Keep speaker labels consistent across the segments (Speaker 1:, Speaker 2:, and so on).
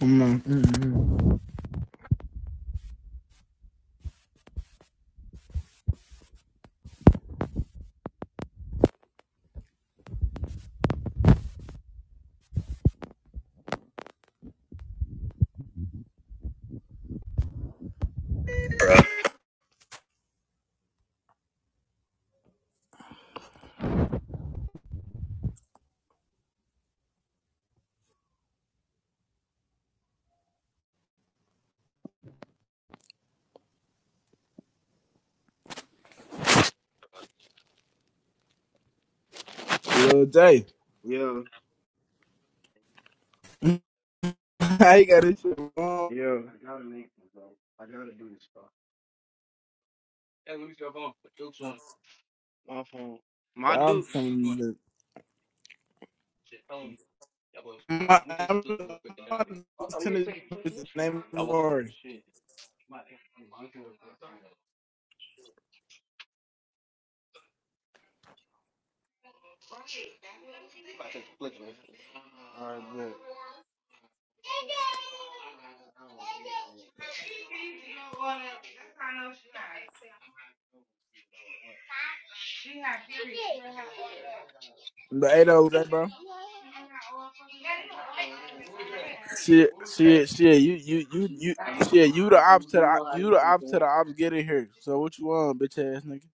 Speaker 1: Mm, mm.
Speaker 2: Yeah,
Speaker 1: I got this shit wrong.
Speaker 2: yeah. My phone. My
Speaker 1: I'm
Speaker 2: dude.
Speaker 1: from the. My, I'm from Tennessee with the name Maury.
Speaker 2: Alright, good.
Speaker 1: But hey, though, that bro. Shit, shit, shit. You, you, you, you. Shit, you the ops to the, you the ops to the ops getting here. So what you want, bitch ass nigga?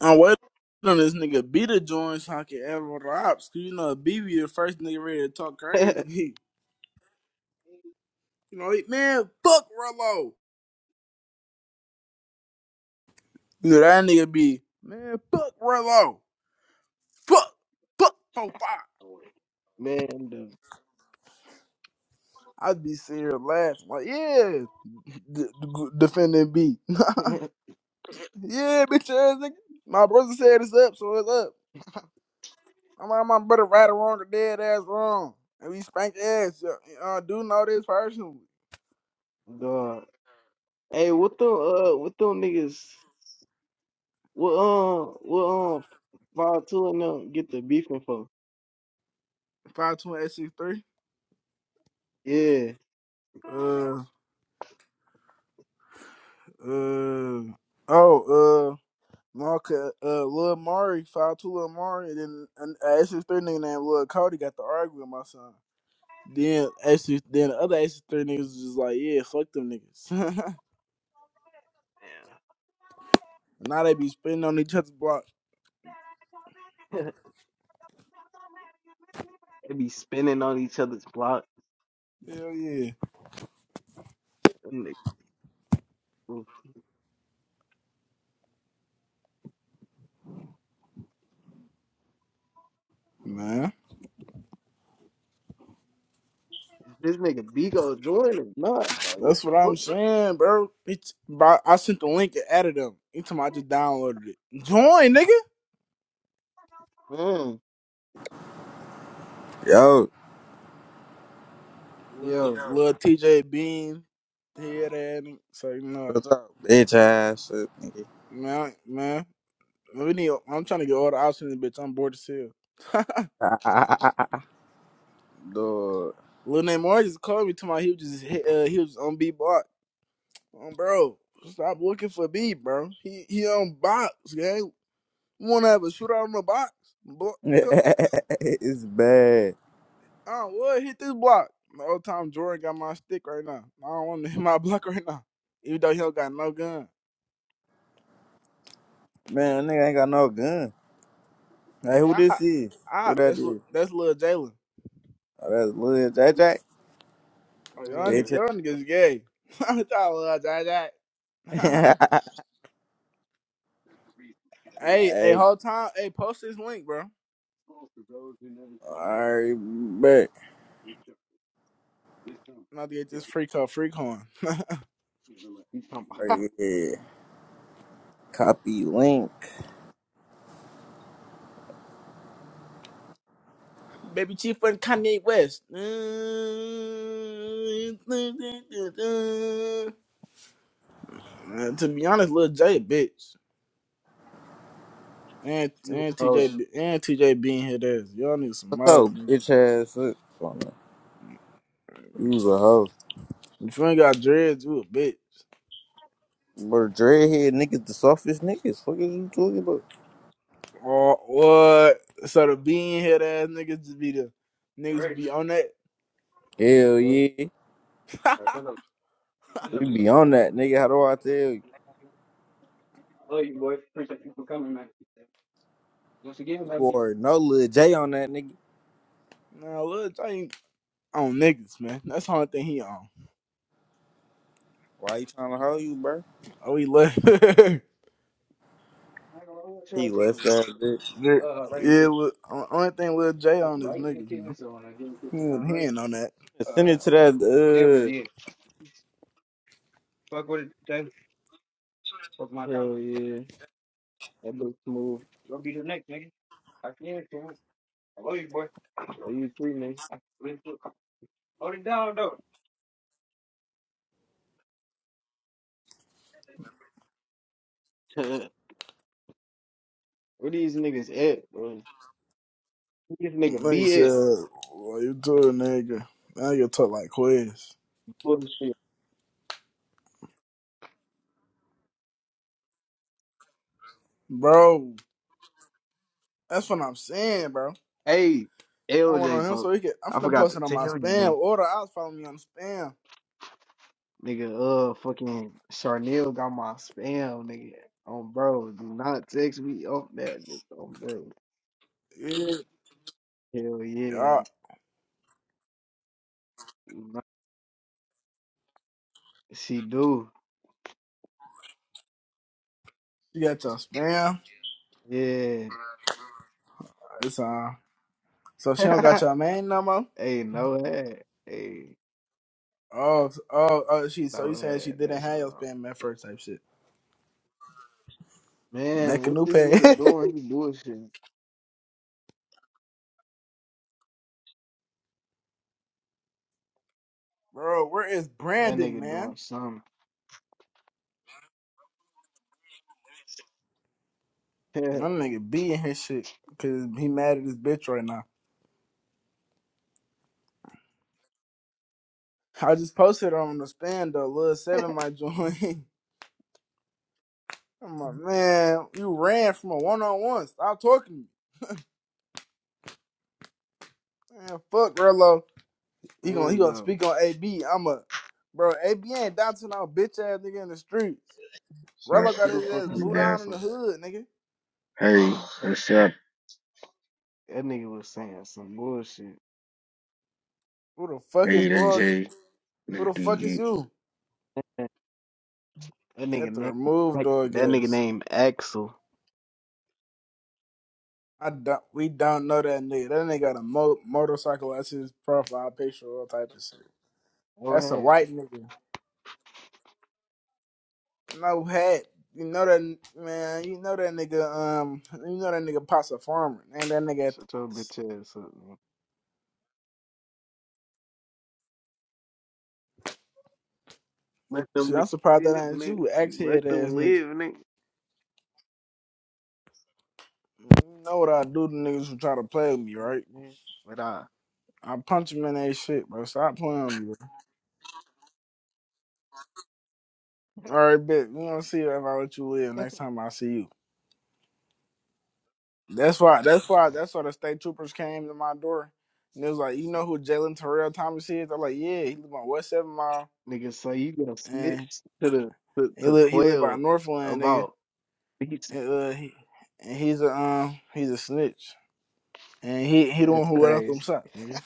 Speaker 1: I'm waiting on this nigga B to join so I can have all the ops. Cause you know B be the first nigga ready to talk crazy. you know, he, man, fuck Rello. You know that nigga be man, fuck Rello. fuck, fuck, four, five.
Speaker 2: Man, the
Speaker 1: I'd be sitting here laughing, like, yeah, d- d- defending B. Yeah, bitch ass nigga. My brother said it's up, so it's up. I'm like, my brother right or wrong or dead ass wrong. And we spank ass. yo. Uh, do know this person.
Speaker 2: God. Hey, what them uh, what them niggas? What um what um five two and them get the beefing for?
Speaker 1: 52863.
Speaker 2: Yeah.
Speaker 1: Uh, uh, oh, uh, Marca, uh, Lil Mari, Five two Lil Mari, and then an uh, 863 nigga named Lil Cody got to argue with my son. Then actually, then the other actually three niggas was just like, yeah, fuck them niggas. now they be spitting on each other's block.
Speaker 2: Yeah. they be spinning on each other's block.
Speaker 1: Hell yeah,
Speaker 2: Them nigg- oof.
Speaker 1: man.
Speaker 2: This nigga Bigo join or not? Like what
Speaker 1: That's what I'm
Speaker 2: the
Speaker 1: saying, bro. It's, bro I sent the link and added them. Each time I just downloaded it. Join, nigga.
Speaker 2: fuck? Man.
Speaker 3: Yo,
Speaker 1: Little,
Speaker 2: Yeah.
Speaker 1: little TJ Bean, head ass. nigga. So you know,
Speaker 3: what's up, bitch ass? shit?
Speaker 1: man, man. We need. I'm trying to get all the options, bitch. I'm bored as hell.
Speaker 3: Dude,
Speaker 1: Lil Name just called me to my. He was just hit, uh, he was on B block. Um, bro, stop looking for B, bro. He he on box, gang. Want to have a shootout on the box? Boy, come
Speaker 3: it's bad.
Speaker 1: on, what hit this block? The old time Jordan got my stick right now. I don't want to hit my block right now, even though he don't got no gun.
Speaker 3: Man, nigga ain't got no gun. Hey, who
Speaker 1: Man, I
Speaker 3: this is?
Speaker 1: I
Speaker 3: Who that
Speaker 1: that's Lil-
Speaker 3: is?
Speaker 1: that's little Jalen.
Speaker 3: Oh, that's Lil JJ.
Speaker 1: Oh, y'all
Speaker 2: Yeah.
Speaker 1: niggas,
Speaker 3: bitch
Speaker 1: y'all niggas gay. I thought little Jay
Speaker 3: ass. Bitch.
Speaker 1: Hey, hey,
Speaker 3: hey,
Speaker 1: whole time, hey, post this link, bro.
Speaker 3: alright, back.
Speaker 1: I'm about to get this free call, free coin.
Speaker 2: You talking about
Speaker 3: Oh, yeah. Copy link.
Speaker 1: Baby Chief and Kanye West. Man, to be honest, Lil J a bitch. And
Speaker 2: you
Speaker 1: and
Speaker 2: oh
Speaker 1: TJ be- and TJ being his ass. Y'all need some
Speaker 3: What's up,
Speaker 1: miles, man.
Speaker 3: bitch ass? shit? Fuck, man. You was a hoe.
Speaker 1: If you ain't got dreads, you a bitch.
Speaker 3: But dreadhead niggas the softest niggas. Fuck is you talking about?
Speaker 1: Or what? So the being head ass niggas just be the niggas who be on that.
Speaker 3: Hell yeah. We be on that, nigga. How do I tell you? Or no Lil J on that nigga.
Speaker 1: nah, Lil J ain't on niggas, man. That's the only thing he on.
Speaker 3: Why you trying to hold you, bro?
Speaker 1: Oh, he left. yeah,
Speaker 3: He left that bitch.
Speaker 1: Lil- only thing Lil J on is niggas, man. Good hand on that.
Speaker 3: Send it to that. uh,
Speaker 2: fuck my Hell dog. yeah. That looks smooth. Where these niggas at, bro? Where This nigga
Speaker 1: Nigga
Speaker 2: be at
Speaker 1: said, well, you too, nigga. Now you talk like Quiz.
Speaker 2: bullshit.
Speaker 1: Bro, that's what I'm saying, bro.
Speaker 2: Hey,
Speaker 1: I went on
Speaker 2: LJ
Speaker 1: him so
Speaker 2: bro.
Speaker 1: he could. I'm
Speaker 2: I
Speaker 1: finna
Speaker 2: forgot
Speaker 1: post
Speaker 2: to
Speaker 1: it on my
Speaker 2: tell you, nigga.
Speaker 1: spam order. I was following me on spam.
Speaker 2: Nigga, uh, fucking Charnel got my spam, nigga. Oh, bro, do not text me off that bitch. On bro,
Speaker 1: Yeah.
Speaker 2: hell yeah,
Speaker 1: Yeah.
Speaker 2: Do not- she do,
Speaker 1: You got your spam.
Speaker 2: yeah.
Speaker 1: It's uh. So she don't got your man no more?
Speaker 2: hey, no head, hey,
Speaker 1: Oh, s- oh, oh, she. So you
Speaker 2: no
Speaker 1: saying she
Speaker 2: head.
Speaker 1: didn't
Speaker 2: That's
Speaker 1: have
Speaker 2: what
Speaker 1: your
Speaker 2: I'm.
Speaker 1: spam at first type shit.
Speaker 2: Man,
Speaker 1: Make a
Speaker 2: what
Speaker 1: new
Speaker 2: this
Speaker 1: pay.
Speaker 2: nigga doing? He doing shit.
Speaker 1: bro, where is
Speaker 2: That
Speaker 1: Brandon,
Speaker 2: nigga
Speaker 1: man?
Speaker 2: doing something.
Speaker 1: My nigga be in his shit. Cause he mad at his bitch right now. I just posted on the stand though. Lil Seven might join. I'm like, man, you ran from a one on one. Stop talking to me. Man, fuck Rello. He gonna he
Speaker 2: Man,
Speaker 1: gonna
Speaker 2: though,
Speaker 1: speak on AB. I'm a bro. AB ain't doubting no bitch ass nigga in the streets.
Speaker 4: Sir,
Speaker 1: Rello
Speaker 2: who
Speaker 1: got
Speaker 2: the
Speaker 1: his
Speaker 2: fuck
Speaker 1: ass
Speaker 2: is
Speaker 4: you
Speaker 1: boot out
Speaker 4: there?
Speaker 1: in the
Speaker 2: Axel?
Speaker 1: hood, nigga.
Speaker 4: Hey, what's up?
Speaker 2: That nigga was saying some bullshit.
Speaker 1: Who the fuck is
Speaker 4: Ada
Speaker 1: dog?
Speaker 4: J,
Speaker 1: Who the fuck is you?
Speaker 2: That nigga
Speaker 1: At the
Speaker 2: name,
Speaker 1: remove
Speaker 2: that
Speaker 1: dog
Speaker 2: nigga
Speaker 1: ass.
Speaker 2: named Axel.
Speaker 1: I don't. We don't know that nigga. That nigga got a mo- motorcycle as his profile picture, all type of shit.
Speaker 2: Go
Speaker 1: That's a
Speaker 2: ahead.
Speaker 1: white nigga. No hat. You know that man. You know that nigga. Um, you know that nigga Pops a farmer, and that nigga.
Speaker 2: Shut your
Speaker 1: Thanks.
Speaker 2: bitch ass up, man. Let them
Speaker 1: See,
Speaker 2: niggas
Speaker 1: I'm surprised that
Speaker 2: live,
Speaker 1: ain't
Speaker 2: nigga.
Speaker 1: you, axe
Speaker 2: You let
Speaker 1: head ass
Speaker 2: them
Speaker 1: nigga.
Speaker 2: live, nigga.
Speaker 1: You know what I do to niggas who try to play with me,
Speaker 2: Fuck,
Speaker 1: right?
Speaker 2: man. But I,
Speaker 1: I punch them in their shit, bro. Stop playing with me. All right, bitch. We gonna see if I let you live next time I see you. That's why. That's why. That's why the state troopers came to my door, and it was like, you know who Jalen Terrell Thomas is? I'm like, yeah, he live on West Seven Mile,
Speaker 2: nigga, say you gonna
Speaker 1: and
Speaker 2: snitch To the to,
Speaker 1: he
Speaker 2: to
Speaker 1: live he live by
Speaker 2: twelve
Speaker 1: Northland, nigga.
Speaker 2: about beats.
Speaker 1: And, uh, he, and he's a um, he's a snitch, and he he the one
Speaker 2: That's
Speaker 1: who let out them
Speaker 2: crazy.
Speaker 1: shots, nigga.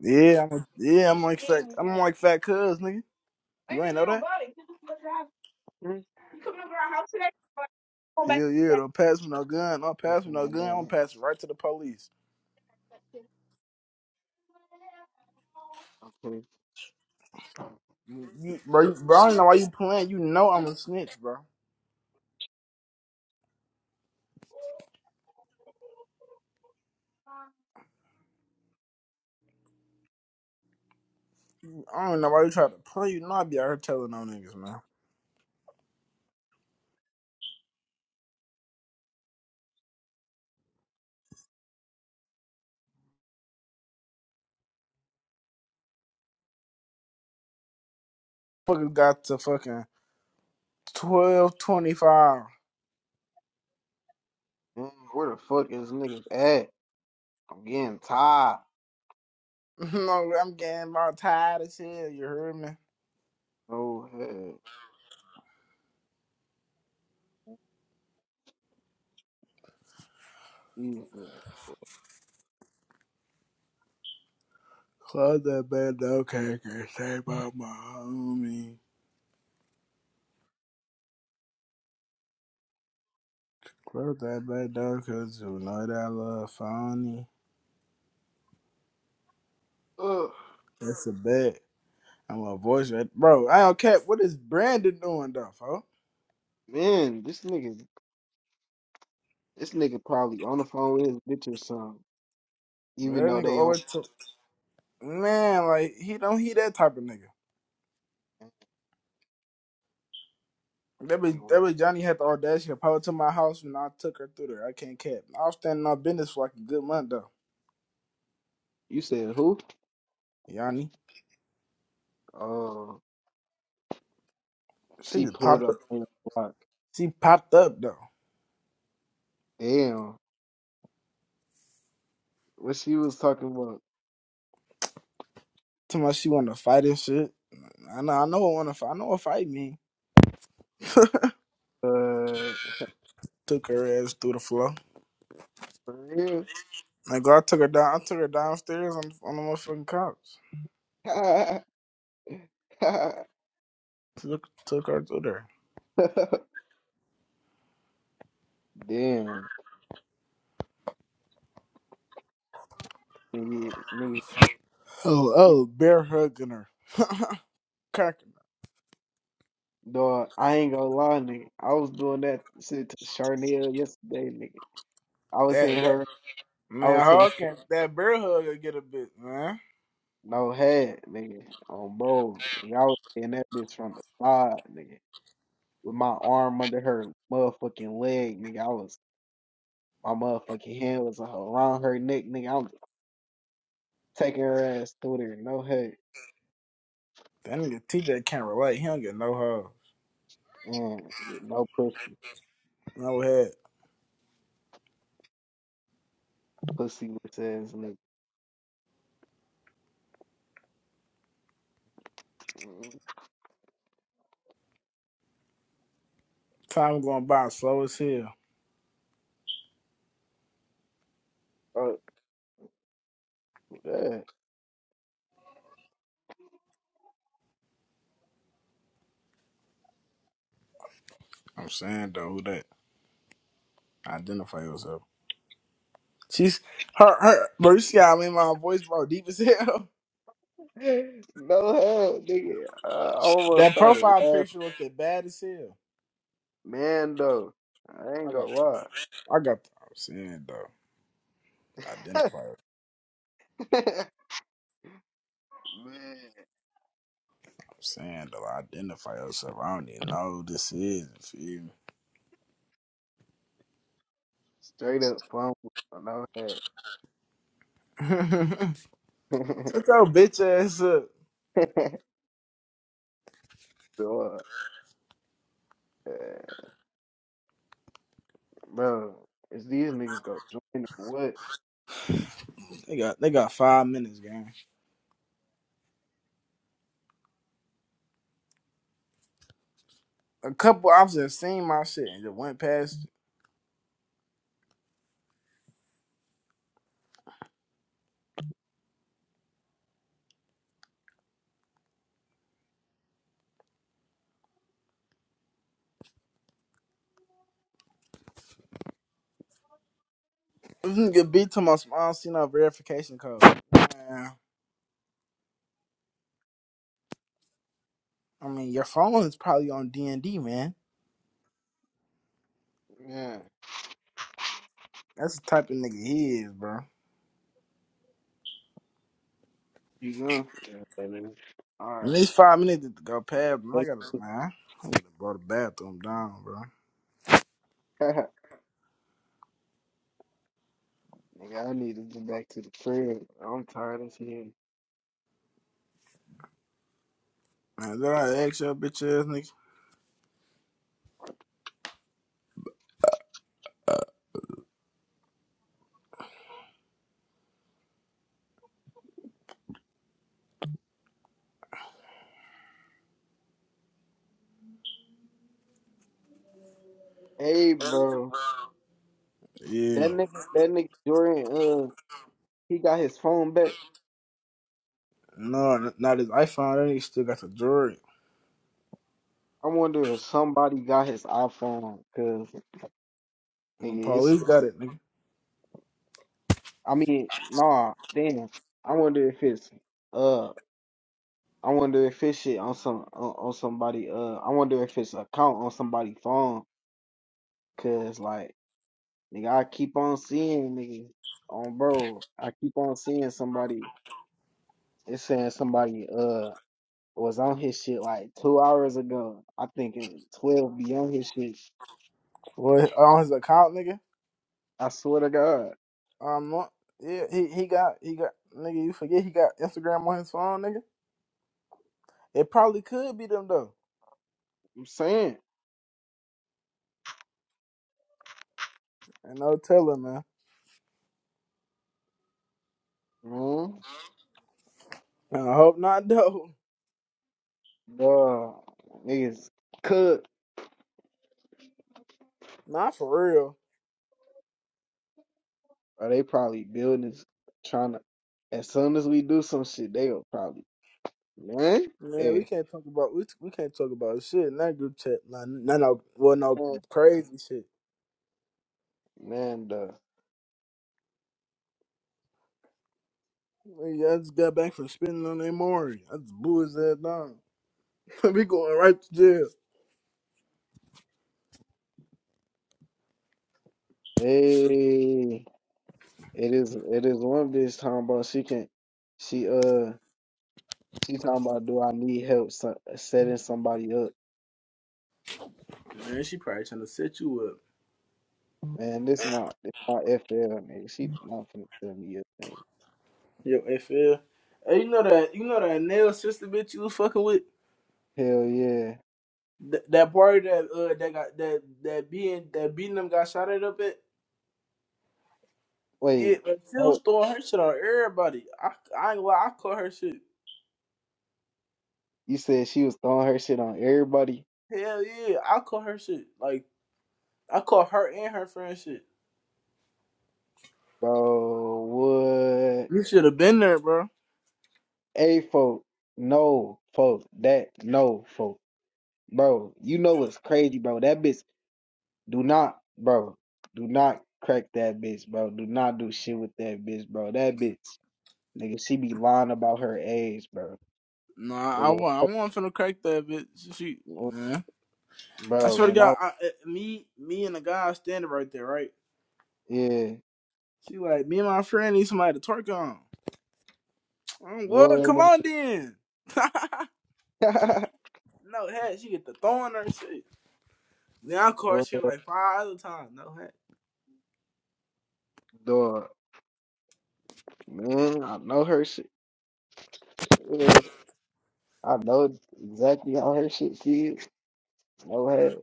Speaker 1: Yeah, I'm a, yeah, I'm like fat, I'm like fat cuz, nigga. You ain't know that?
Speaker 2: Mm,
Speaker 1: Hell yeah, don't pass me no gun, don't
Speaker 2: That's
Speaker 1: pass me
Speaker 2: my
Speaker 1: no gun. I'm gonna
Speaker 2: dad.
Speaker 1: pass it right to the police.
Speaker 2: Okay.
Speaker 1: You, you- bro, you, bro, I don't know why you playing. You know I'm a snitch, bro. I don't know why you try to play. You know I be out here telling no niggas, man. Fuckers got to fucking twelve twenty five.
Speaker 2: Mm, Where the fuck is niggas at? I'm getting tired.
Speaker 1: no, I'm getting about tired as hell. You heard me?
Speaker 2: Oh hell, these niggas.
Speaker 1: Close that bad door, cracker. Say, about my homie. Close that bad door, cause you know that little phony.
Speaker 2: Ugh,
Speaker 1: That's a bet. I'm a voice right. Bro, I don't care. What is Brandon doing, though, fo?
Speaker 2: man, this nigga, this nigga probably on the phone with his bitch or something.
Speaker 1: Man,
Speaker 2: Even though
Speaker 1: that nigga
Speaker 2: they on.
Speaker 1: always took. Man, like, he don't, he that type of nigga. That was,
Speaker 2: anyway.
Speaker 1: that was Johnny had the audacity to pop up to my house when I took her through there. I can't cap. I was standing on business for like a good month, though.
Speaker 2: You said who?
Speaker 1: Yanni.
Speaker 2: Oh.
Speaker 1: She
Speaker 2: She
Speaker 1: just
Speaker 2: pulled
Speaker 1: popped up.
Speaker 2: up on the block.
Speaker 1: She popped up, though.
Speaker 2: Damn. What she was talking about?
Speaker 1: Tell me she want to fight and shit. I know, I know what want to fight. I know what fight me.
Speaker 2: Uh,
Speaker 1: Took her ass through the floor.
Speaker 2: for real?
Speaker 1: Like I took her down. I took her downstairs on on the motherfucking couch. Took took her through there.
Speaker 2: Damn. Nigga, nigga.
Speaker 1: Oh oh, bear hugging her, cracking. her.
Speaker 2: Dog, I ain't gonna lie, nigga. I was doing that shit to Charnel yesterday, nigga. I was seeing
Speaker 1: That that
Speaker 2: her. I
Speaker 1: man,
Speaker 2: was seeing
Speaker 1: hug can that bear hugger get a bit man.
Speaker 2: no head, nigga. On bro. Nigga, I was seeing that bitch from the side, nigga. With my arm under her motherfucking leg, nigga. I was, my motherfucking hand was around her neck, nigga. I'm Take her ass through there. No hate.
Speaker 1: That nigga TJ can't relate. He don't get no hug,
Speaker 2: Mm, no pussy.
Speaker 1: no head.
Speaker 2: Pussy with ass nigga. Mm,
Speaker 1: Time going by slow as hell.
Speaker 2: Fuck that.
Speaker 1: I'm saying though, who that? Identify yourself. She's her her. Bro, you see how I made my voice bro deep as hell.
Speaker 2: No hell, nigga. I almost
Speaker 1: That
Speaker 2: started
Speaker 1: profile
Speaker 2: laughing.
Speaker 1: picture looked as bad as hell.
Speaker 2: Man, though. I ain't
Speaker 1: I
Speaker 2: gonna
Speaker 1: got,
Speaker 2: lie.
Speaker 1: I got. I'm saying though, identify. I'm
Speaker 2: Man.
Speaker 1: saying though, identify yourself. I don't even know who this is. You
Speaker 2: Straight up fumble. No hat.
Speaker 1: feel me? Shut your bitch ass up.
Speaker 2: so, uh, bro, is these niggas gonna join or what?
Speaker 1: They got, they got five minutes, gang. A couple officers seen my shit and just went past. it. This nigga beat to my small seen our verification code. Man, I mean, your phone is probably on D and D, man.
Speaker 2: Yeah.
Speaker 1: That's the type of nigga he is, bro.
Speaker 2: You gonna? Yeah,
Speaker 1: At
Speaker 2: Alright.
Speaker 1: least five minutes to go past, man. I gotta, man. I gotta go to the bathroom down, bro.
Speaker 2: Nigga, I need to get back to the crib. I'm tired of shit.
Speaker 1: Man, did I ask your bitch ass nigga?
Speaker 2: Hey, bro, that
Speaker 1: Yeah.
Speaker 2: nigga, that nigga Dorian, uh, he got his phone back.
Speaker 1: No, not his iPhone. That nigga still got the jewelry.
Speaker 2: I wonder if somebody got his iPhone, cause
Speaker 1: The
Speaker 2: nigga, it's,
Speaker 1: police
Speaker 2: it's
Speaker 1: got it, nigga.
Speaker 2: I mean, nah, damn. I wonder if it's, uh, I wonder if it's shit on some on, on somebody. Uh, I wonder if it's account on somebody's phone, cause like, nigga, I keep on seeing nigga on bro. I keep on seeing somebody. It's saying somebody. uh. was on his shit like two hours ago. I think it- twelve be on his shit.
Speaker 1: What on his account, nigga.
Speaker 2: I swear to God,
Speaker 1: Um, no- yeah, he, he got, he got, nigga, you forget he got Instagram on his phone, nigga. It probably could be them, though.
Speaker 2: I'm saying,
Speaker 1: And no telling, man.
Speaker 2: man,
Speaker 1: I hope not, though.
Speaker 2: Duh, niggas cook
Speaker 1: Not for real.
Speaker 2: or they probably building, trying to. As soon as we do some shit, they'll probably man,
Speaker 1: Man, we
Speaker 2: hey,
Speaker 1: can't talk about we, we can't talk about shit in that group chat. Nah, no, no, well, no crazy shit.
Speaker 2: man, duh,
Speaker 1: Nigga, I just got back from spitting on that Maury. I just blew his ass down. we going right to jail.
Speaker 2: hey, it is it is one bitch talking about she can, she uh she talking about do I need help so, setting somebody up.
Speaker 1: Man, she probably trying to set you up.
Speaker 2: Man, this my this my FL nigga. She not finna tell me a thing.
Speaker 1: Yo, FL. Hey, you know that you know that nail sister bitch you was fucking with?
Speaker 2: Hell yeah.
Speaker 1: Th- that party that uh that got that that being that beating them got shot at up at? Yeah,
Speaker 2: Wait,
Speaker 1: but still
Speaker 2: no,
Speaker 1: throwing her shit on everybody. I I ain't gonna lie, I caught her shit.
Speaker 2: you said she was throwing her shit on everybody,
Speaker 1: Hell yeah, I caught her shit. Like I caught her and her friend shit.
Speaker 2: bro. What?
Speaker 1: You should have been there, bro.
Speaker 2: A folk, no folk, that no folk, bro. You know what's crazy, bro? That bitch do not, bro. Do not crack that bitch, bro. Do not do shit with that bitch, bro. That bitch, nigga, she be lying about her age, bro.
Speaker 1: Nah, I
Speaker 2: Nigga,
Speaker 1: want I want finna crack that bitch. She,
Speaker 2: when- when-
Speaker 1: nah. I
Speaker 2: bro,
Speaker 1: swear to
Speaker 2: when I
Speaker 1: God, I, uh, me, me and the guy standing right there, right?
Speaker 2: yeah,
Speaker 1: She like, me and my friend need somebody to twerk on. I'm, like, what? Come
Speaker 2: what?
Speaker 1: on then. no hat. She get the throwing her shit. Then I call her
Speaker 2: What
Speaker 1: shit like five other times. No hat.
Speaker 2: dog, man? I know her shit. man. I know exactly how her shit feels. No head,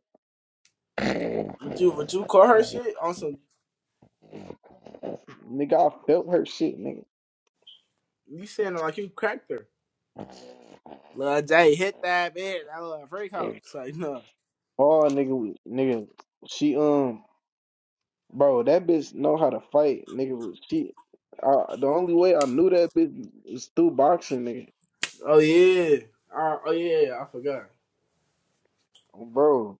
Speaker 1: Would you would you call her shit on some?
Speaker 2: nigga. I felt her shit, nigga.
Speaker 1: You saying like you cracked her? Lil J hit that bitch. That little freak out. It's like no.
Speaker 2: Oh, nigga, we- nigga. She um, bro, that bitch know how to fight, nigga. She, I, the only way I knew that bitch was through boxing, nigga.
Speaker 1: Oh yeah. Uh, oh yeah. I forgot.
Speaker 2: Bro,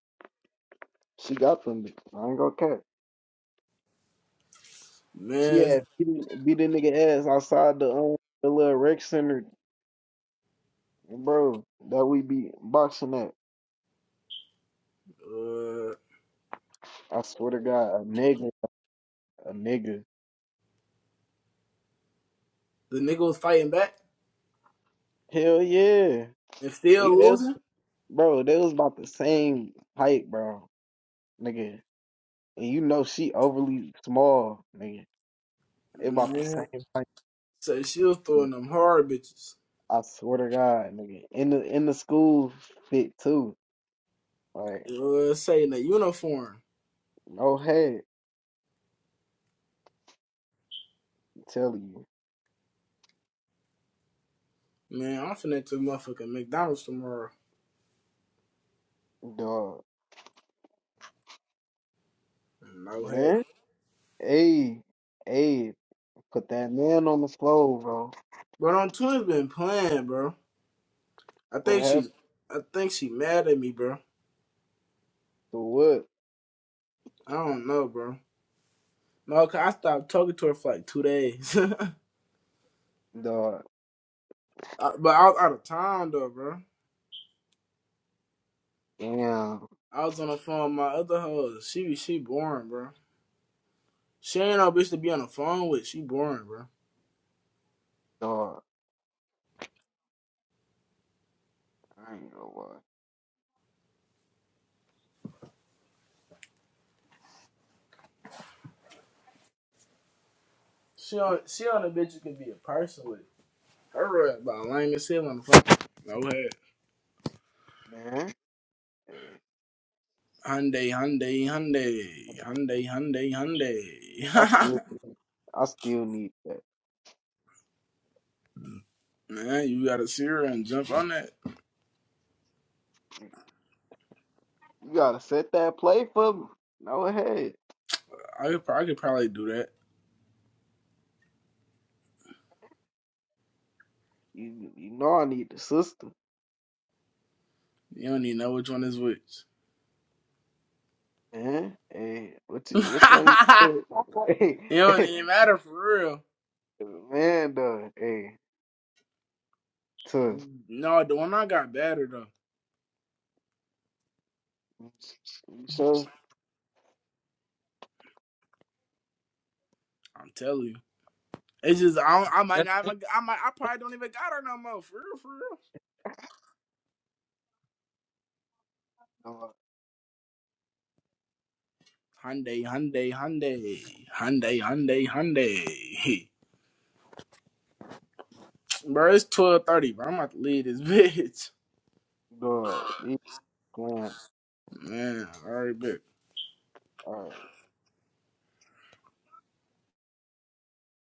Speaker 2: she got them. Bitch. I ain't gonna cap. She
Speaker 1: Man,
Speaker 2: had beat, beat the nigga ass outside the um, the little rec center, bro. That we be boxing at.
Speaker 1: uh,
Speaker 2: I swear to God, a nigga, a nigga.
Speaker 1: the nigga was fighting back
Speaker 2: Hell yeah.
Speaker 1: and still
Speaker 2: Nigga, they,
Speaker 1: losing.
Speaker 2: bro, they was about the same height, bro. Nigga. And you know she overly small, nigga. They about the
Speaker 1: Man.
Speaker 2: same height.
Speaker 1: So she was
Speaker 2: nigga.
Speaker 1: throwing them hard bitches.
Speaker 2: I swear to God, nigga. In the in the school fit too. Like,
Speaker 1: Uh, say in the uniform.
Speaker 2: no head, I'm telling you,
Speaker 1: Man, I'm finna to motherfucking McDonald's tomorrow.
Speaker 2: dog.
Speaker 1: No heck.
Speaker 2: Man. Hey, hey, put that man on the floor, bro.
Speaker 1: But on twins been playing, bro. I
Speaker 2: What
Speaker 1: think
Speaker 2: happened
Speaker 1: she, I think she mad at me, bro.
Speaker 2: to what?
Speaker 1: I don't know, bro. No, cause I stopped talking to her for like two days.
Speaker 2: Dog.
Speaker 1: I, but I was out of town though, bro.
Speaker 2: Damn,
Speaker 1: I was on the phone with my other hoes. She she boring, bro. She ain't no bitch to be on the phone with. She boring, bro.
Speaker 2: dog. I ain't gonna lie.
Speaker 1: She on she on a bitch you can be a person with. Her rap about lame as hell on the phone. No head.
Speaker 2: Man. Hey,
Speaker 1: Hyundai, Hyundai, Hyundai, Hyundai, Hyundai,
Speaker 2: I still,
Speaker 1: Hyundai.
Speaker 2: I still need that.
Speaker 1: Man, you got a sear and jump on that.
Speaker 2: You gotta set that play for me. No ahead.
Speaker 1: I could, I could probably do that.
Speaker 2: You, you know I need the system,
Speaker 1: You don't even know which one is which.
Speaker 2: man. Hey, what's,
Speaker 1: it
Speaker 2: what's on you Hey,
Speaker 1: don't
Speaker 2: hey,
Speaker 1: even matter for real.
Speaker 2: man, dog. Hey, tough.
Speaker 1: No, the one I got better though.
Speaker 2: You sure?
Speaker 1: I'm telling you, it's just I, don't, I might not. Even, I might. I probably don't even got her no more. For real, for real.
Speaker 2: dog.
Speaker 1: Hyundai, Hyundai, Hyundai, Hyundai, Hyundai, Hyundai. Bro, it's twelve thirty, bro. I'm about to leave this bitch.
Speaker 2: no,
Speaker 1: Alright.
Speaker 2: playing.
Speaker 1: Man, all right, bitch.
Speaker 2: All right.